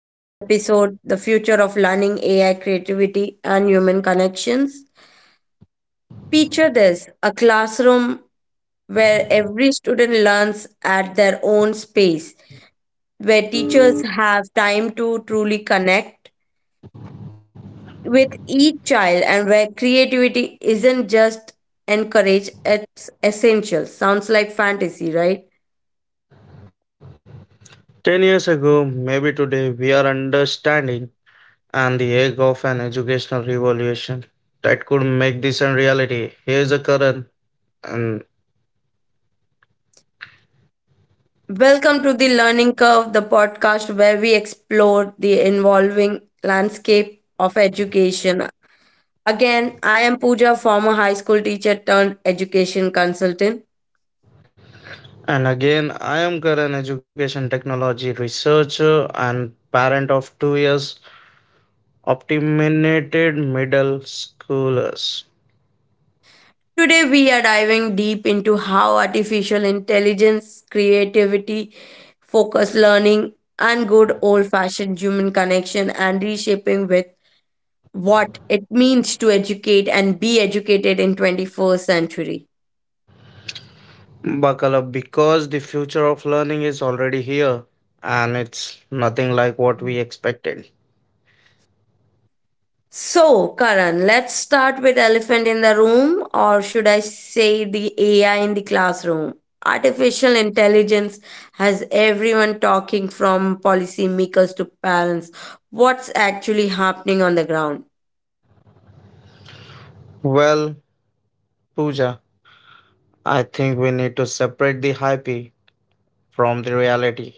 at the episode The Future of Learning AI Creativity and Human Connections. Picture this a classroom where every student learns at their own space, where teachers have time to truly connect with each child, and where creativity isn't just encouraged, it's essential. Sounds like fantasy, right? 10 years ago, maybe today, we are understanding and the egg of an educational revolution that could make this a reality. Here is a Karan, and, Welcome to the Learning Curve, the podcast where we explore the evolving landscape of education. Again, I am Pooja, former high school teacher turned education consultant. and again, I am Karan, education technology researcher and parent of 2 years optiminated middle schoolers. Today, we are diving deep into how artificial intelligence, creativity, focused learning, and good old fashioned human connection and reshaping with what it means to educate and be educated in 21st century. Buckle up because the future of learning is already here and it's nothing like what we expected. So, Karan, let's start with elephant in the room, or should I say the AI in the classroom? Artificial intelligence has everyone talking from policymakers to parents. What's actually happening on the ground? Well, Pooja. I think we need to separate the hype from the reality.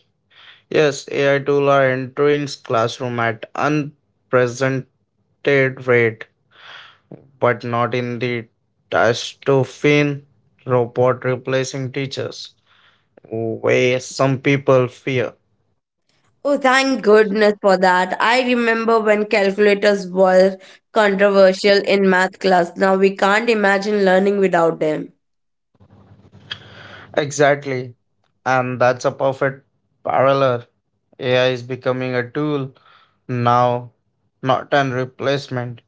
Yes, AI tools are entering classroom at unprecedented rate, but not in the dystopian robot replacing teachers way some people fear. Oh, thank goodness for that. I remember when calculators were controversial in math class. Now we can't imagine learning without them. Exactly, and that's a perfect parallel. AI is becoming a tool now, not an replacement.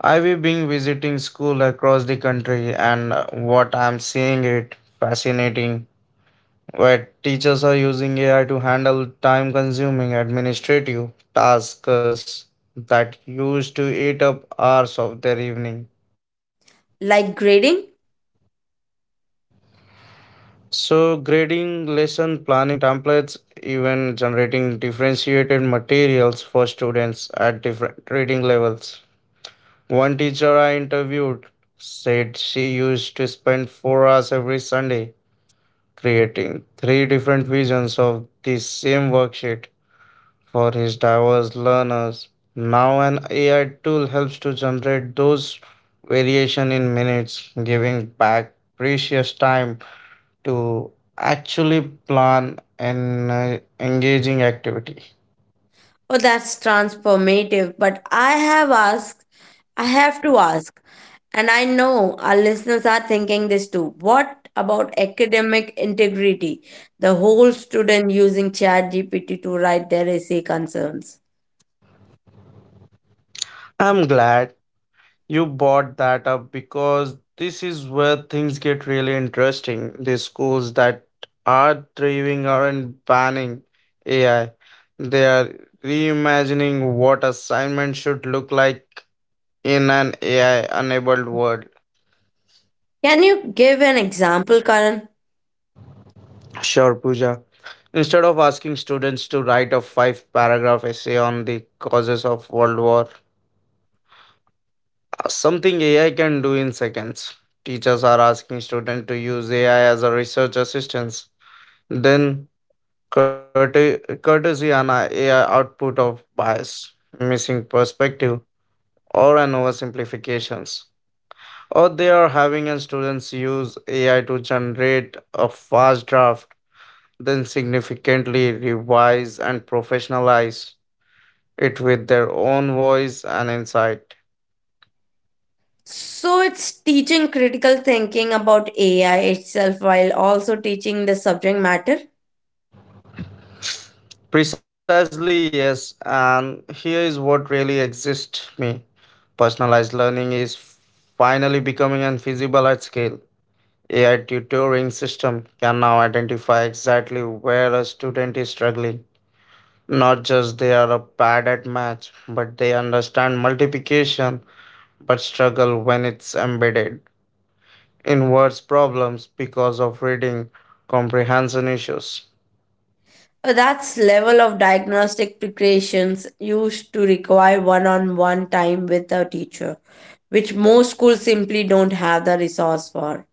I have been visiting school across the country and what I'm seeing it fascinating where teachers are using AI to handle time consuming administrative tasks that used to eat up hours of their evening. Like grading? So grading lesson planning templates even generating differentiated materials for students at different reading levels. One teacher I interviewed said she used to spend 4 hours every Sunday creating three different visions of the same worksheet for his diverse learners. Now, an AI tool helps to generate those variation in minutes, giving back precious time to actually plan an engaging activity. Oh, that's transformative. But I have to ask, and I know our listeners are thinking this too. What about academic integrity? The whole student using ChatGPT to write their essay concerns. I'm glad you bought that up because this is where things get really interesting. The schools that are thriving aren't banning AI. They are reimagining what assignments should look like in an AI-enabled world. Can you give an example, Karan? Sure, Pooja. Instead of asking students to write a five-paragraph essay on the causes of World War, something AI can do in seconds. Teachers are asking students to use AI as a research assistance. Then courtesy and a AI output of bias, missing perspective, or an oversimplifications. Or they are having and students use AI to generate a fast draft, then significantly revise and professionalize it with their own voice and insight. So it's teaching critical thinking about AI itself while also teaching the subject matter? Precisely, yes. And here is what really exists me. Personalized learning is finally becoming and feasible at scale. AI tutoring system can now identify exactly where a student is struggling. Not just they are bad at math, but they understand multiplication but struggle when it's embedded in words problems because of reading comprehension issues. That's level of diagnostic preparations used to require one-on-one time with a teacher, which most schools simply don't have the resource for.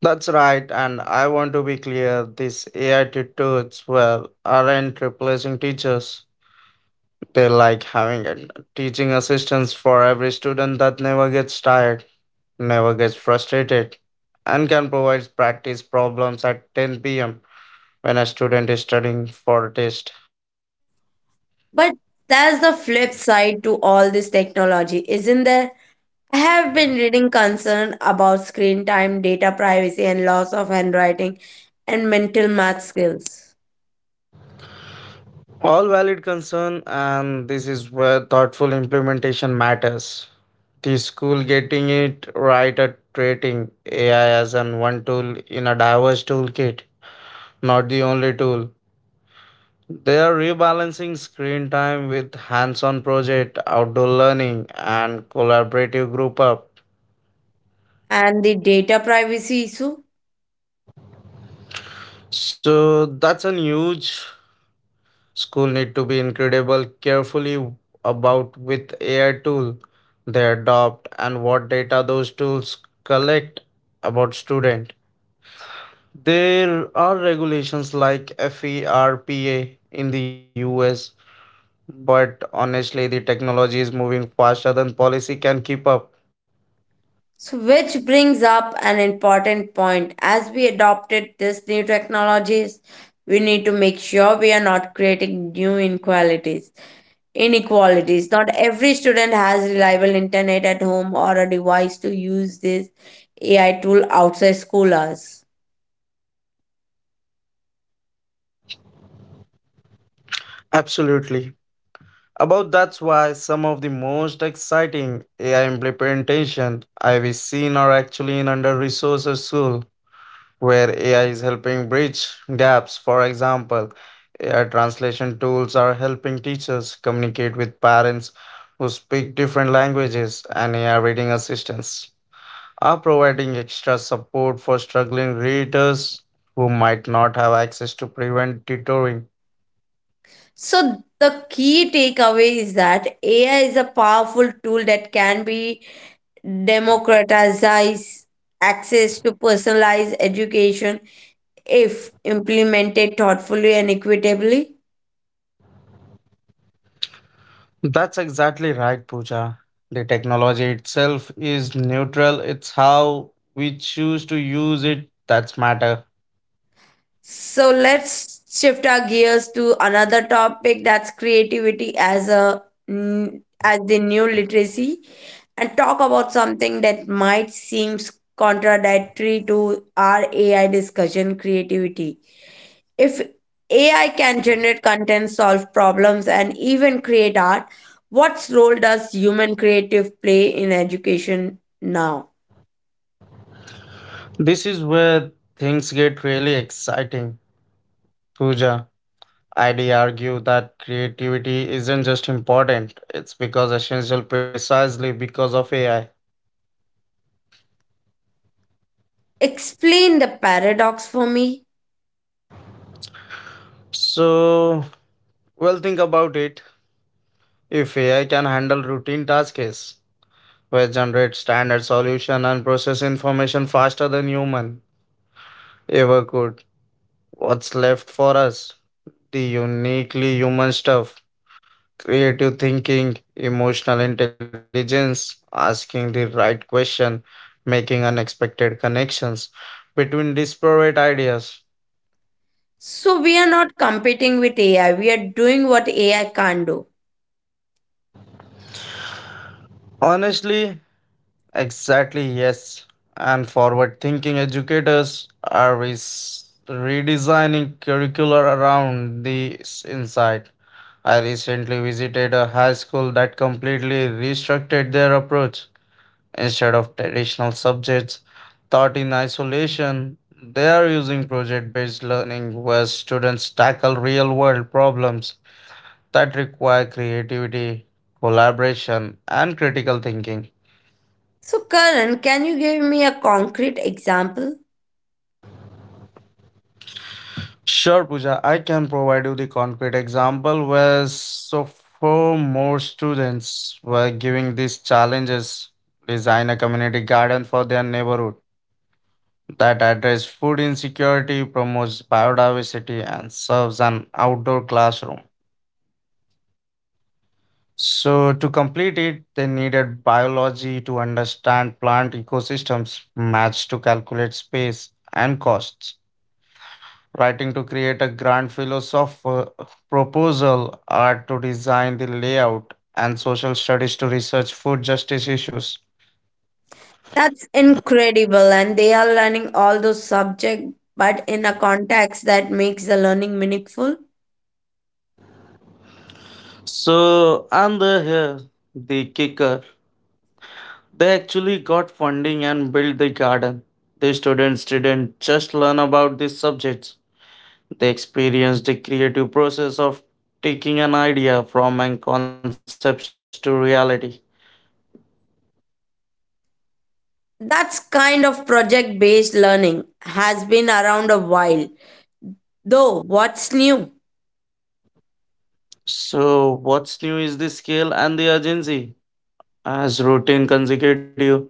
That's right, and I want to be clear, these AI tutors well aren't replacing teachers. They like having a teaching assistants for every student that never gets tired, never gets frustrated and can provide practice problems at 10 p.m. when a student is studying for a test. But there's the flip side to all this technology, isn't there? I have been reading concern about screen time, data privacy, and loss of handwriting and mental math skills. All valid concern and this is where thoughtful implementation matters. The school getting it right at creating AI as an one tool in a diverse toolkit, not the only tool. They are rebalancing screen time with hands-on project, outdoor learning, and collaborative group up. And the data privacy issue? So that's a huge. School need to be incredible carefully about with AI tool they adopt and what data those tools collect about student. There are regulations like FERPA in the US, but honestly the technology is moving faster than policy can keep up. So, which brings up an important point. As we adopted these new technologies, we need to make sure we are not creating new inequalities. Not every student has reliable internet at home or a device to use this AI tool outside school hours. Absolutely. About that's why some of the most exciting AI implementation I've seen are actually in under resourced school, where AI is helping bridge gaps. For example, AI translation tools are helping teachers communicate with parents who speak different languages, and AI reading assistants are providing extra support for struggling readers who might not have access to prevent tutoring. So the key takeaway is that AI is a powerful tool that can be democratized access to personalized education if implemented thoughtfully and equitably. That's exactly right, Pooja. The technology itself is neutral. It's how we choose to use it that's matter. So let's shift our gears to another topic that's creativity as the new literacy and talk about something that might seem contradictory to our AI discussion creativity. If AI can generate content, solve problems, and even create art, what role does human creative play in education now? This is where things get really exciting. Pooja, I'd argue that creativity isn't just important, it's because essential precisely because of AI. Explain the paradox for me. So, well, think about it. If AI can handle routine tasks, where generate standard solution and process information faster than human ever could, what's left for us? The uniquely human stuff. Creative thinking, emotional intelligence, asking the right question, making unexpected connections between disparate ideas. So, we are not competing with AI, we are doing what AI can't do. Honestly, exactly yes. And forward thinking educators are redesigning curricula around this insight. I recently visited a high school that completely restructured their approach. Instead of traditional subjects taught in isolation, they are using project based learning where students tackle real world problems that require creativity, collaboration, and critical thinking. So, Karan, can you give me a concrete example? Sure, Pooja, I can provide you the concrete example where so four more students were giving these challenges. Design a community garden for their neighborhood that address food insecurity, promotes biodiversity, and serves an outdoor classroom. So, to complete it, they needed biology to understand plant ecosystems, maths to calculate space and costs, writing to create a grand philosopher proposal, art to design the layout, and social studies to research food justice issues. That's incredible, and they are learning all those subjects, but in a context that makes the learning meaningful. So, and the, here, the kicker: they actually got funding and built the garden. The students didn't just learn about these subjects, they experienced the creative process of taking an idea from an concepts to reality. That's kind of project based learning has been around a while, though, what's new? So, what's new is the scale and the urgency. As routine consecutive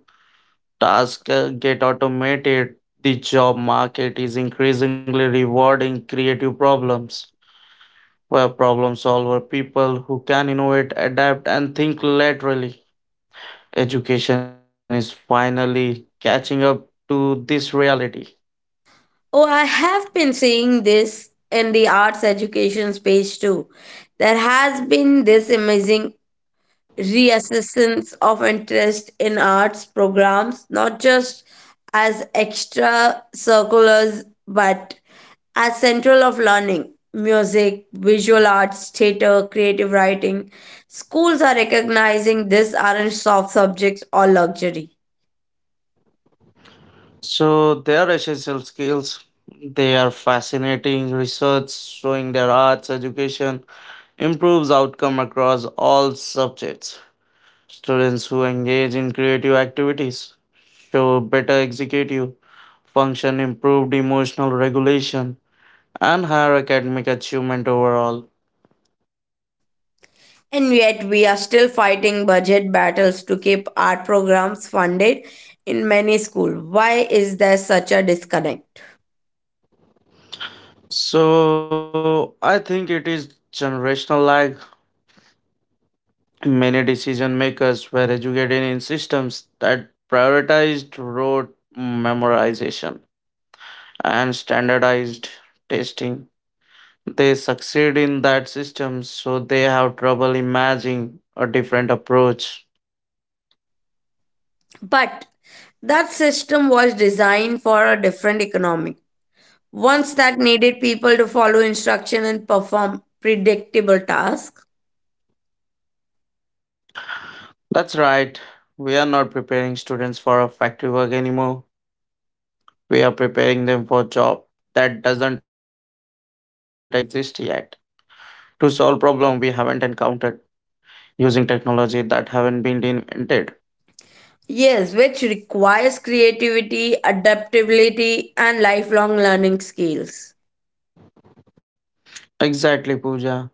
tasks get automated, the job market is increasingly rewarding creative problems, where problem solver people who can innovate, adapt, and think laterally. Education is finally catching up to this reality. Oh, I have been seeing this in the arts education space too. There has been this amazing reassessance of interest in arts programs, not just as extra circulars, but as central of learning. Music, visual arts, theatre, creative writing. Schools are recognizing these aren't soft subjects or luxury. So their essential skills, they are fascinating research showing their arts education improves outcome across all subjects. Students who engage in creative activities show better executive function, improved emotional regulation, and higher academic achievement overall. And yet, we are still fighting budget battles to keep art programs funded in many schools. Why is there such a disconnect? So I think it is generational lag. Many decision makers were educated in systems that prioritized rote memorization and standardized testing. They succeed in that system, so they have trouble imagining a different approach. But that system was designed for a different economy. Once that needed people to follow instruction and perform predictable tasks. That's right. We are not preparing students for a factory work anymore. We are preparing them for job that doesn't exist yet. To solve problem we haven't encountered using technology that haven't been invented. Yes, which requires creativity, adaptability, and lifelong learning skills. Exactly, Pooja.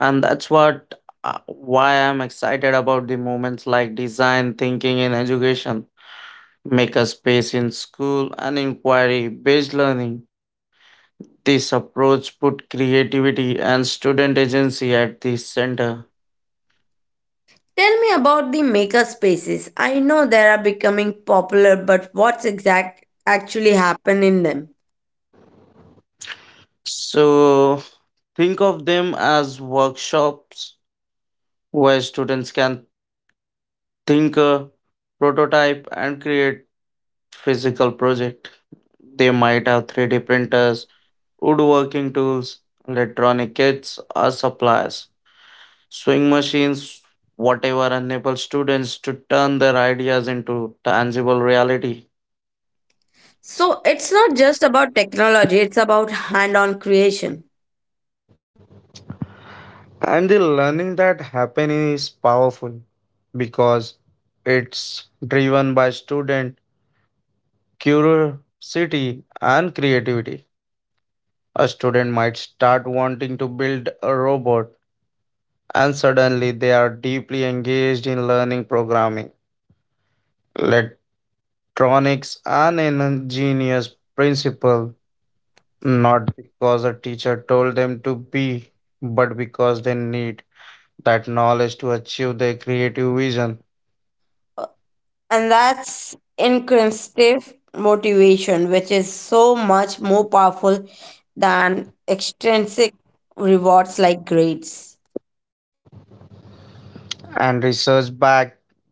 And that's what why I'm excited about the moments like design thinking in education, maker space in school and inquiry based learning. This approach put creativity and student agency at the center. Tell me about the maker spaces. I know they are becoming popular, but what's exact actually happen in them? So think of them as workshops where students can think, prototype and create physical project. They might have 3D printers, woodworking tools, electronic kits or supplies, swing machines, whatever enable students to turn their ideas into tangible reality. So it's not just about technology; it's about hand-on creation. And the learning that happen is powerful because it's driven by student curiosity and creativity. A student might start wanting to build a robot and suddenly they are deeply engaged in learning programming. Let Electronics an ingenious principle, not because a teacher told them to be, but because they need that knowledge to achieve their creative vision. Uh, and that's intrinsic motivation, which is so much more powerful than extrinsic rewards like grades. And research back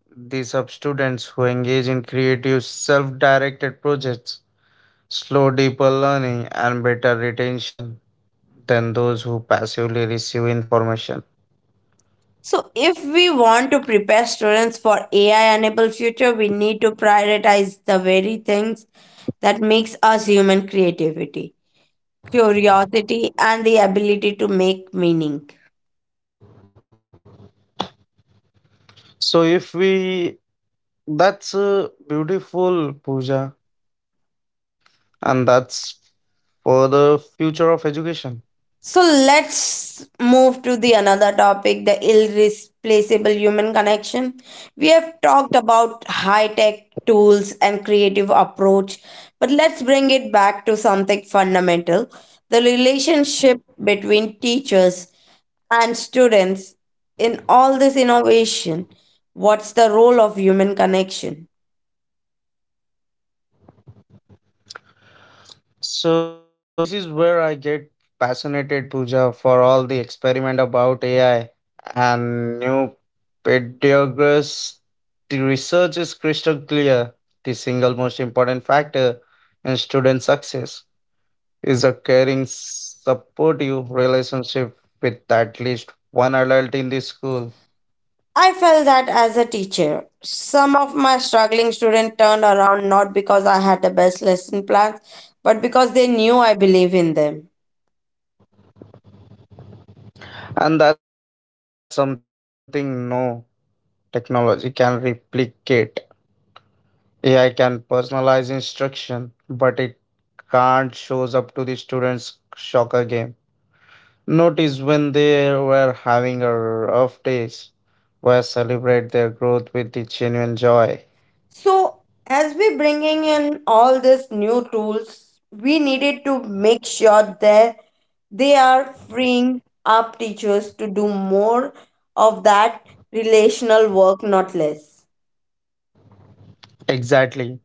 these up students who engage in creative self-directed projects slow deeper learning and better retention than those who passively receive information. So, if we want to prepare students for AI enabled future, we need to prioritize the very things that makes us human creativity, curiosity, and the ability to make meaning. So if we that's beautiful puja and that's for the future of education. So let's move to the another topic, the irreplaceable human connection. We have talked about high-tech tools and creative approach, but let's bring it back to something fundamental, the relationship between teachers and students in all this innovation. What's the role of human connection? So this is where I get passionate, Pooja, for all the experiment about AI and new pedagogies. The research is crystal clear. The single most important factor in student success is a caring, supportive relationship with at least 1 adult in the school, I felt that as a teacher. Some of my struggling students turned around not because I had the best lesson plans, but because they knew I believe in them. and that's something no technology can replicate. AI can personalize instruction, but it can't shows up to the students' soccer game. Notice when they were having a rough days, where celebrate their growth with the genuine joy. So, as we bringing in all these new tools, we needed to make sure that they are freeing up teachers to do more of that relational work, not less. Exactly.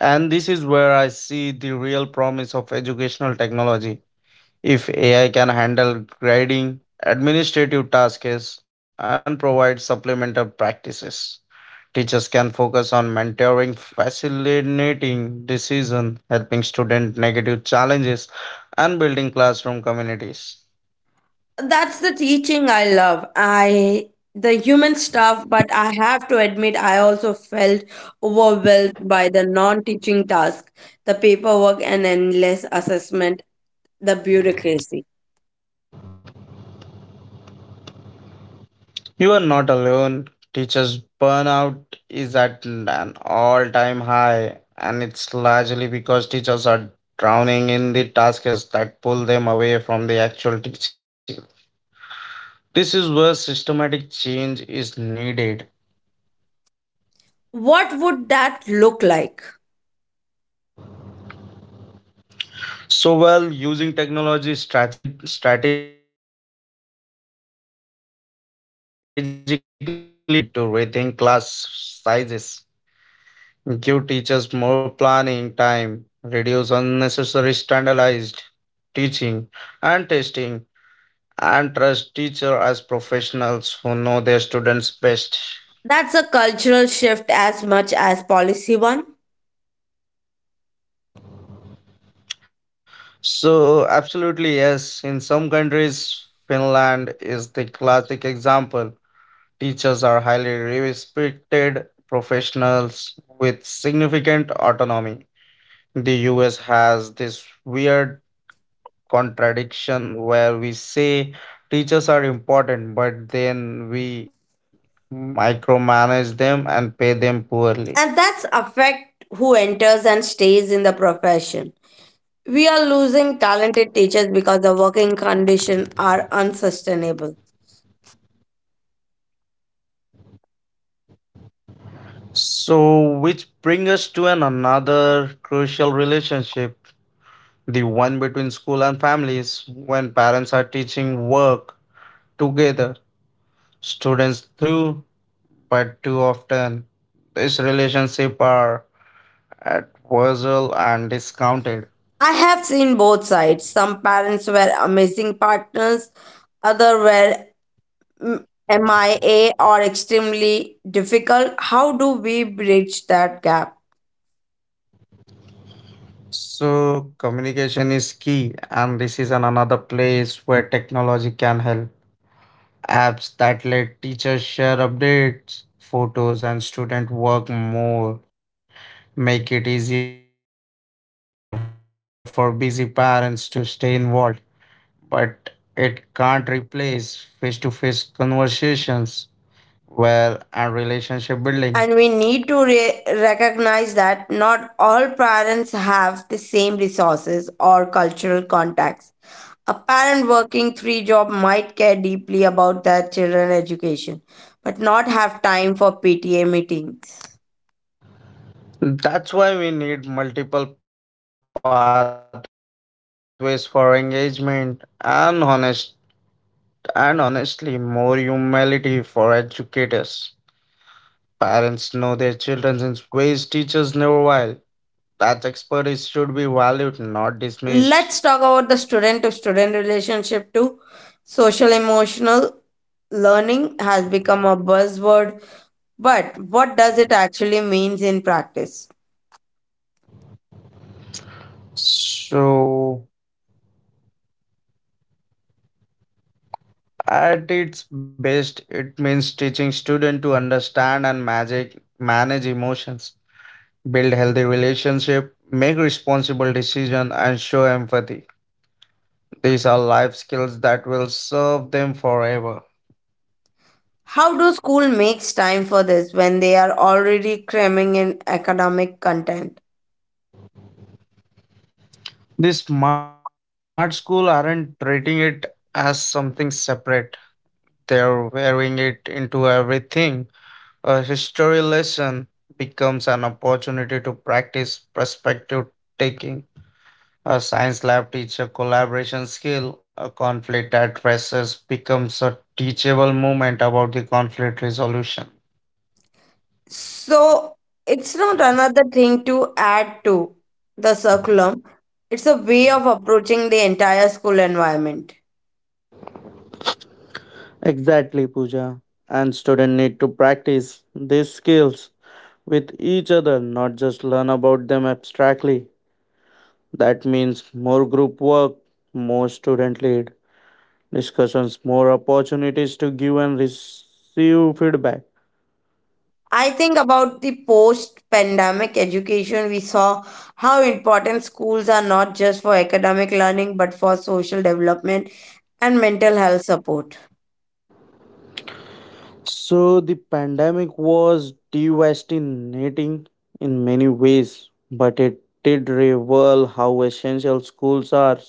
And this is where I see the real promise of educational technology. If AI can handle grading, administrative tasks, and provide supplemental practices. Teachers can focus on mentoring, facilitating decision, helping student negative challenges, and building classroom communities. That's the teaching I love. I the human stuff, but I have to admit I also felt overwhelmed by the non-teaching task, the paperwork and endless assessment, the bureaucracy. You are not alone. Teachers burnout is at an all-time high, and it's largely because teachers are drowning in the tasks that pull them away from the actual teaching. This is where systematic change is needed. What would that look like? Well, using technology strategically is a part of it, but we also need to rethink class sizes, give teachers more planning time, reduce unnecessary standardized teaching and testing, and trust teacher as professionals who know their students best. That's a cultural shift as much as policy one, So, absolutely, yes, in some countries, Finland is the classic example. Teachers are highly respected professionals with significant autonomy. The US has this weird contradiction where we say teachers are important, but then we micromanage them and pay them poorly. and that's affect who enters and stays in the profession. We are losing talented teachers because the working conditions are unsustainable. So, which brings us to an another crucial relationship, the one between school and families when parents are teaching work together students through, but too often these relationships are at wassail and discounted. I have seen both sides. Some parents were amazing partners, other were mm, MIA or extremely difficult. How do we bridge that gap? So communication is key, and this is an another place where technology can help. Apps that let teachers share updates, photos, and student work more make it easier for busy parents to stay involved, but it can't replace face to face conversations. Well, and relationship building. And we need to recognize that not all parents have the same resources or cultural contacts. A parent working three job might care deeply about their children's education, but not have time for PTA meetings. That's why we need multiple pathways for engagement and honest and honestly more humility for educators. Parents know their children in ways teachers never will. That expertise should be valued, not dismissed. Let's talk about the student to student relationship too. Social emotional learning has become a buzzword, but what does it actually means in practice? So at its best, it means teaching students to understand and magic manage emotions, build healthy relationship, make responsible decision and show empathy. These are life skills that will serve them forever. How do school makes time for this when they are already cramming in academic content? The smart school aren't treating it as something separate. They're wearing it into everything. A history lesson becomes an opportunity to practice perspective taking. A science lab teacher collaboration skill, a conflict addresses becomes a teachable moment about the conflict resolution. So it's not another thing to add to the curriculum. It's a way of approaching the entire school environment. Exactly, Pooja. And students need to practice these skills with each other, not just learn about them abstractly. That means more group work, more student lead discussions, more opportunities to give and receive feedback. I think about the post pandemic education, we saw how important schools are not just for academic learning but for social development and mental health support. So the pandemic was devastating in many ways, but it did reveal how essential schools are.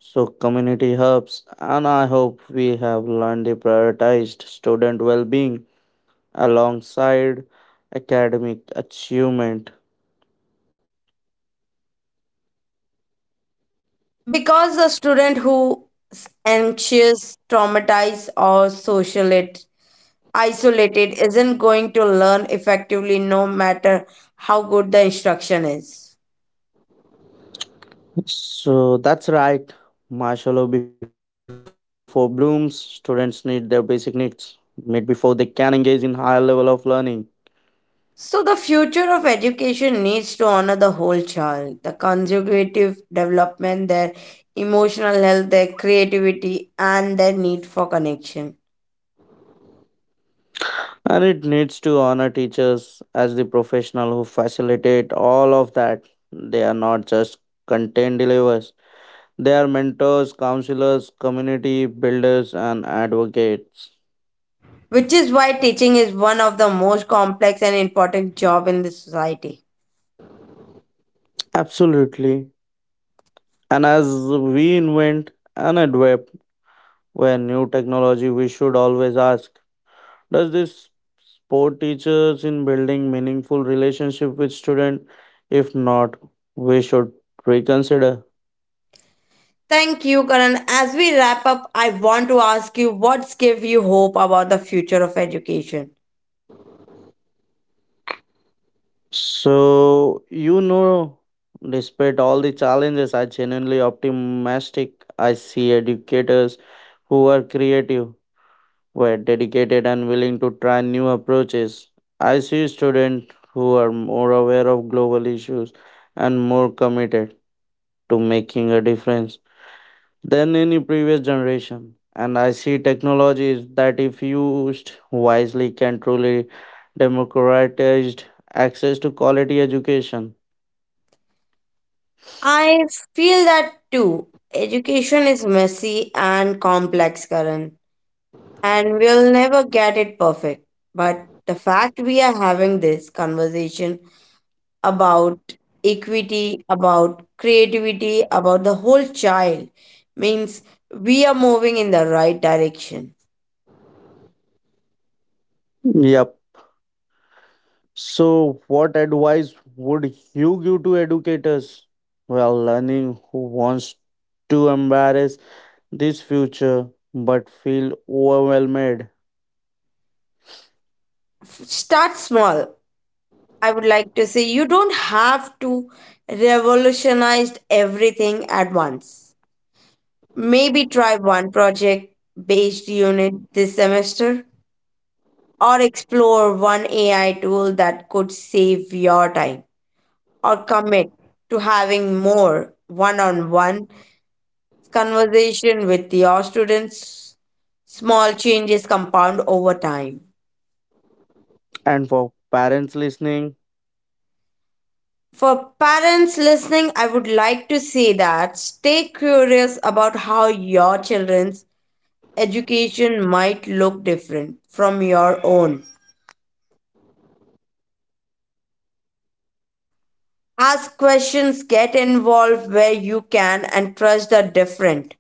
So community hubs, and I hope we have learned to prioritise student well-being alongside academic achievement. Because a student who is anxious, traumatized, or socially isolated isn't going to learn effectively no matter how good the instruction is. So that's right. Marshall before blooms, students need their basic needs met before they can engage in higher level of learning. So, the future of education needs to honor the whole child, the conservative development, their emotional health, their creativity, and their need for connection. And it needs to honor teachers as the professional who facilitate all of that. They are not just content deliverers, they are mentors, counselors, community builders and advocates. Which is why teaching is one of the most complex and important job in the society. Absolutely. And as we invent and adapt where new technology, we should always ask, does this support teachers in building meaningful relationship with student? If not, we should reconsider. Thank you, Karan. As we wrap up, I want to ask you what's give you hope about the future of education? So, you know, despite all the challenges, I genuinely optimistic. I see educators who are creative, who are dedicated and willing to try new approaches. I see students who are more aware of global issues and more committed to making a difference than any previous generation. And I see technologies that, if used wisely, can truly democratize access to quality education. I feel that too. Education is messy and complex, Karan. And we'll never get it perfect. But the fact we are having this conversation about equity, about creativity, about the whole child means we are moving in the right direction. Yep. So, what advice would you give to educators? Well, learning who wants to embrace this future but feel overwhelmed. Start small. I would like to say you don't have to revolutionize everything at once. Maybe try one project based unit this semester or explore one AI tool that could save your time, or commit to having more one on one conversation with your students. Small changes compound over time. And for parents listening, For parents listening, I would like to say that stay curious about how your children's education might look different from your own. Ask questions, get involved where you can, and trust the different.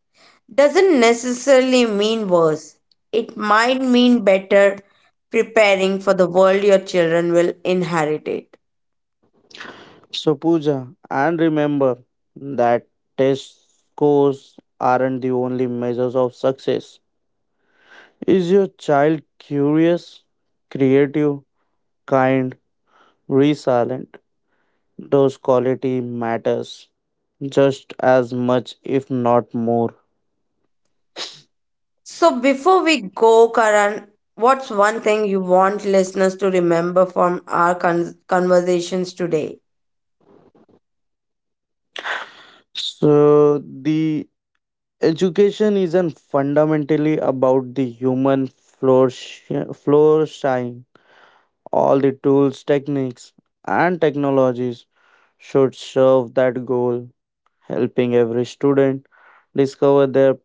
Doesn't necessarily mean worse. It might mean better preparing for the world your children will inherit it. so Pooja, and remember that test scores aren't the only measures of success. Is your child curious, creative, kind, resilient? Those quality matters just as much, if not more. So, before we go, Karan, what's one thing you want listeners to remember from our conversations today? So, the education isn't fundamentally about the human flourish, flourishing. All the tools, techniques, and technologies should serve that goal, helping every student discover their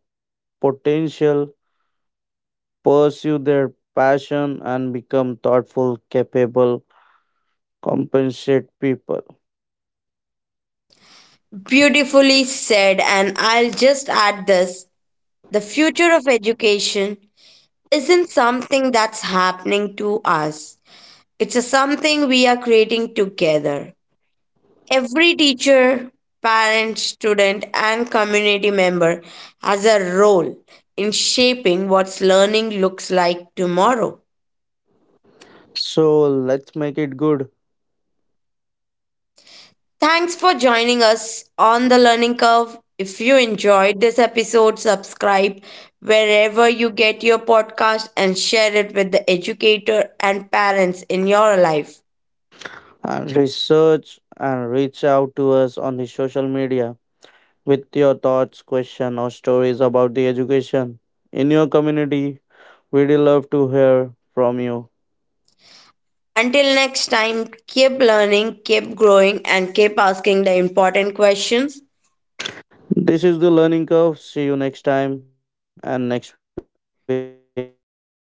potential, pursue their passion, and become thoughtful, capable, compensate people. Beautifully said, and I'll just add this the future of education isn't something that's happening to us. It's a something we are creating together. Every teacher, parent, student, and community member has a role in shaping what learning looks like tomorrow. So, let's make it good. Thanks for joining us on the learning curve. If you enjoyed this episode, subscribe wherever you get your podcast and share it with the educator and parents in your life. And research and reach out to us on the social media with your thoughts, questions, or stories about the education in your community. We'd love to hear from you. Until next time, keep learning, keep growing, and keep asking the important questions. This is the learning curve. See you next time and next week. That's all for today. Bye bye for now.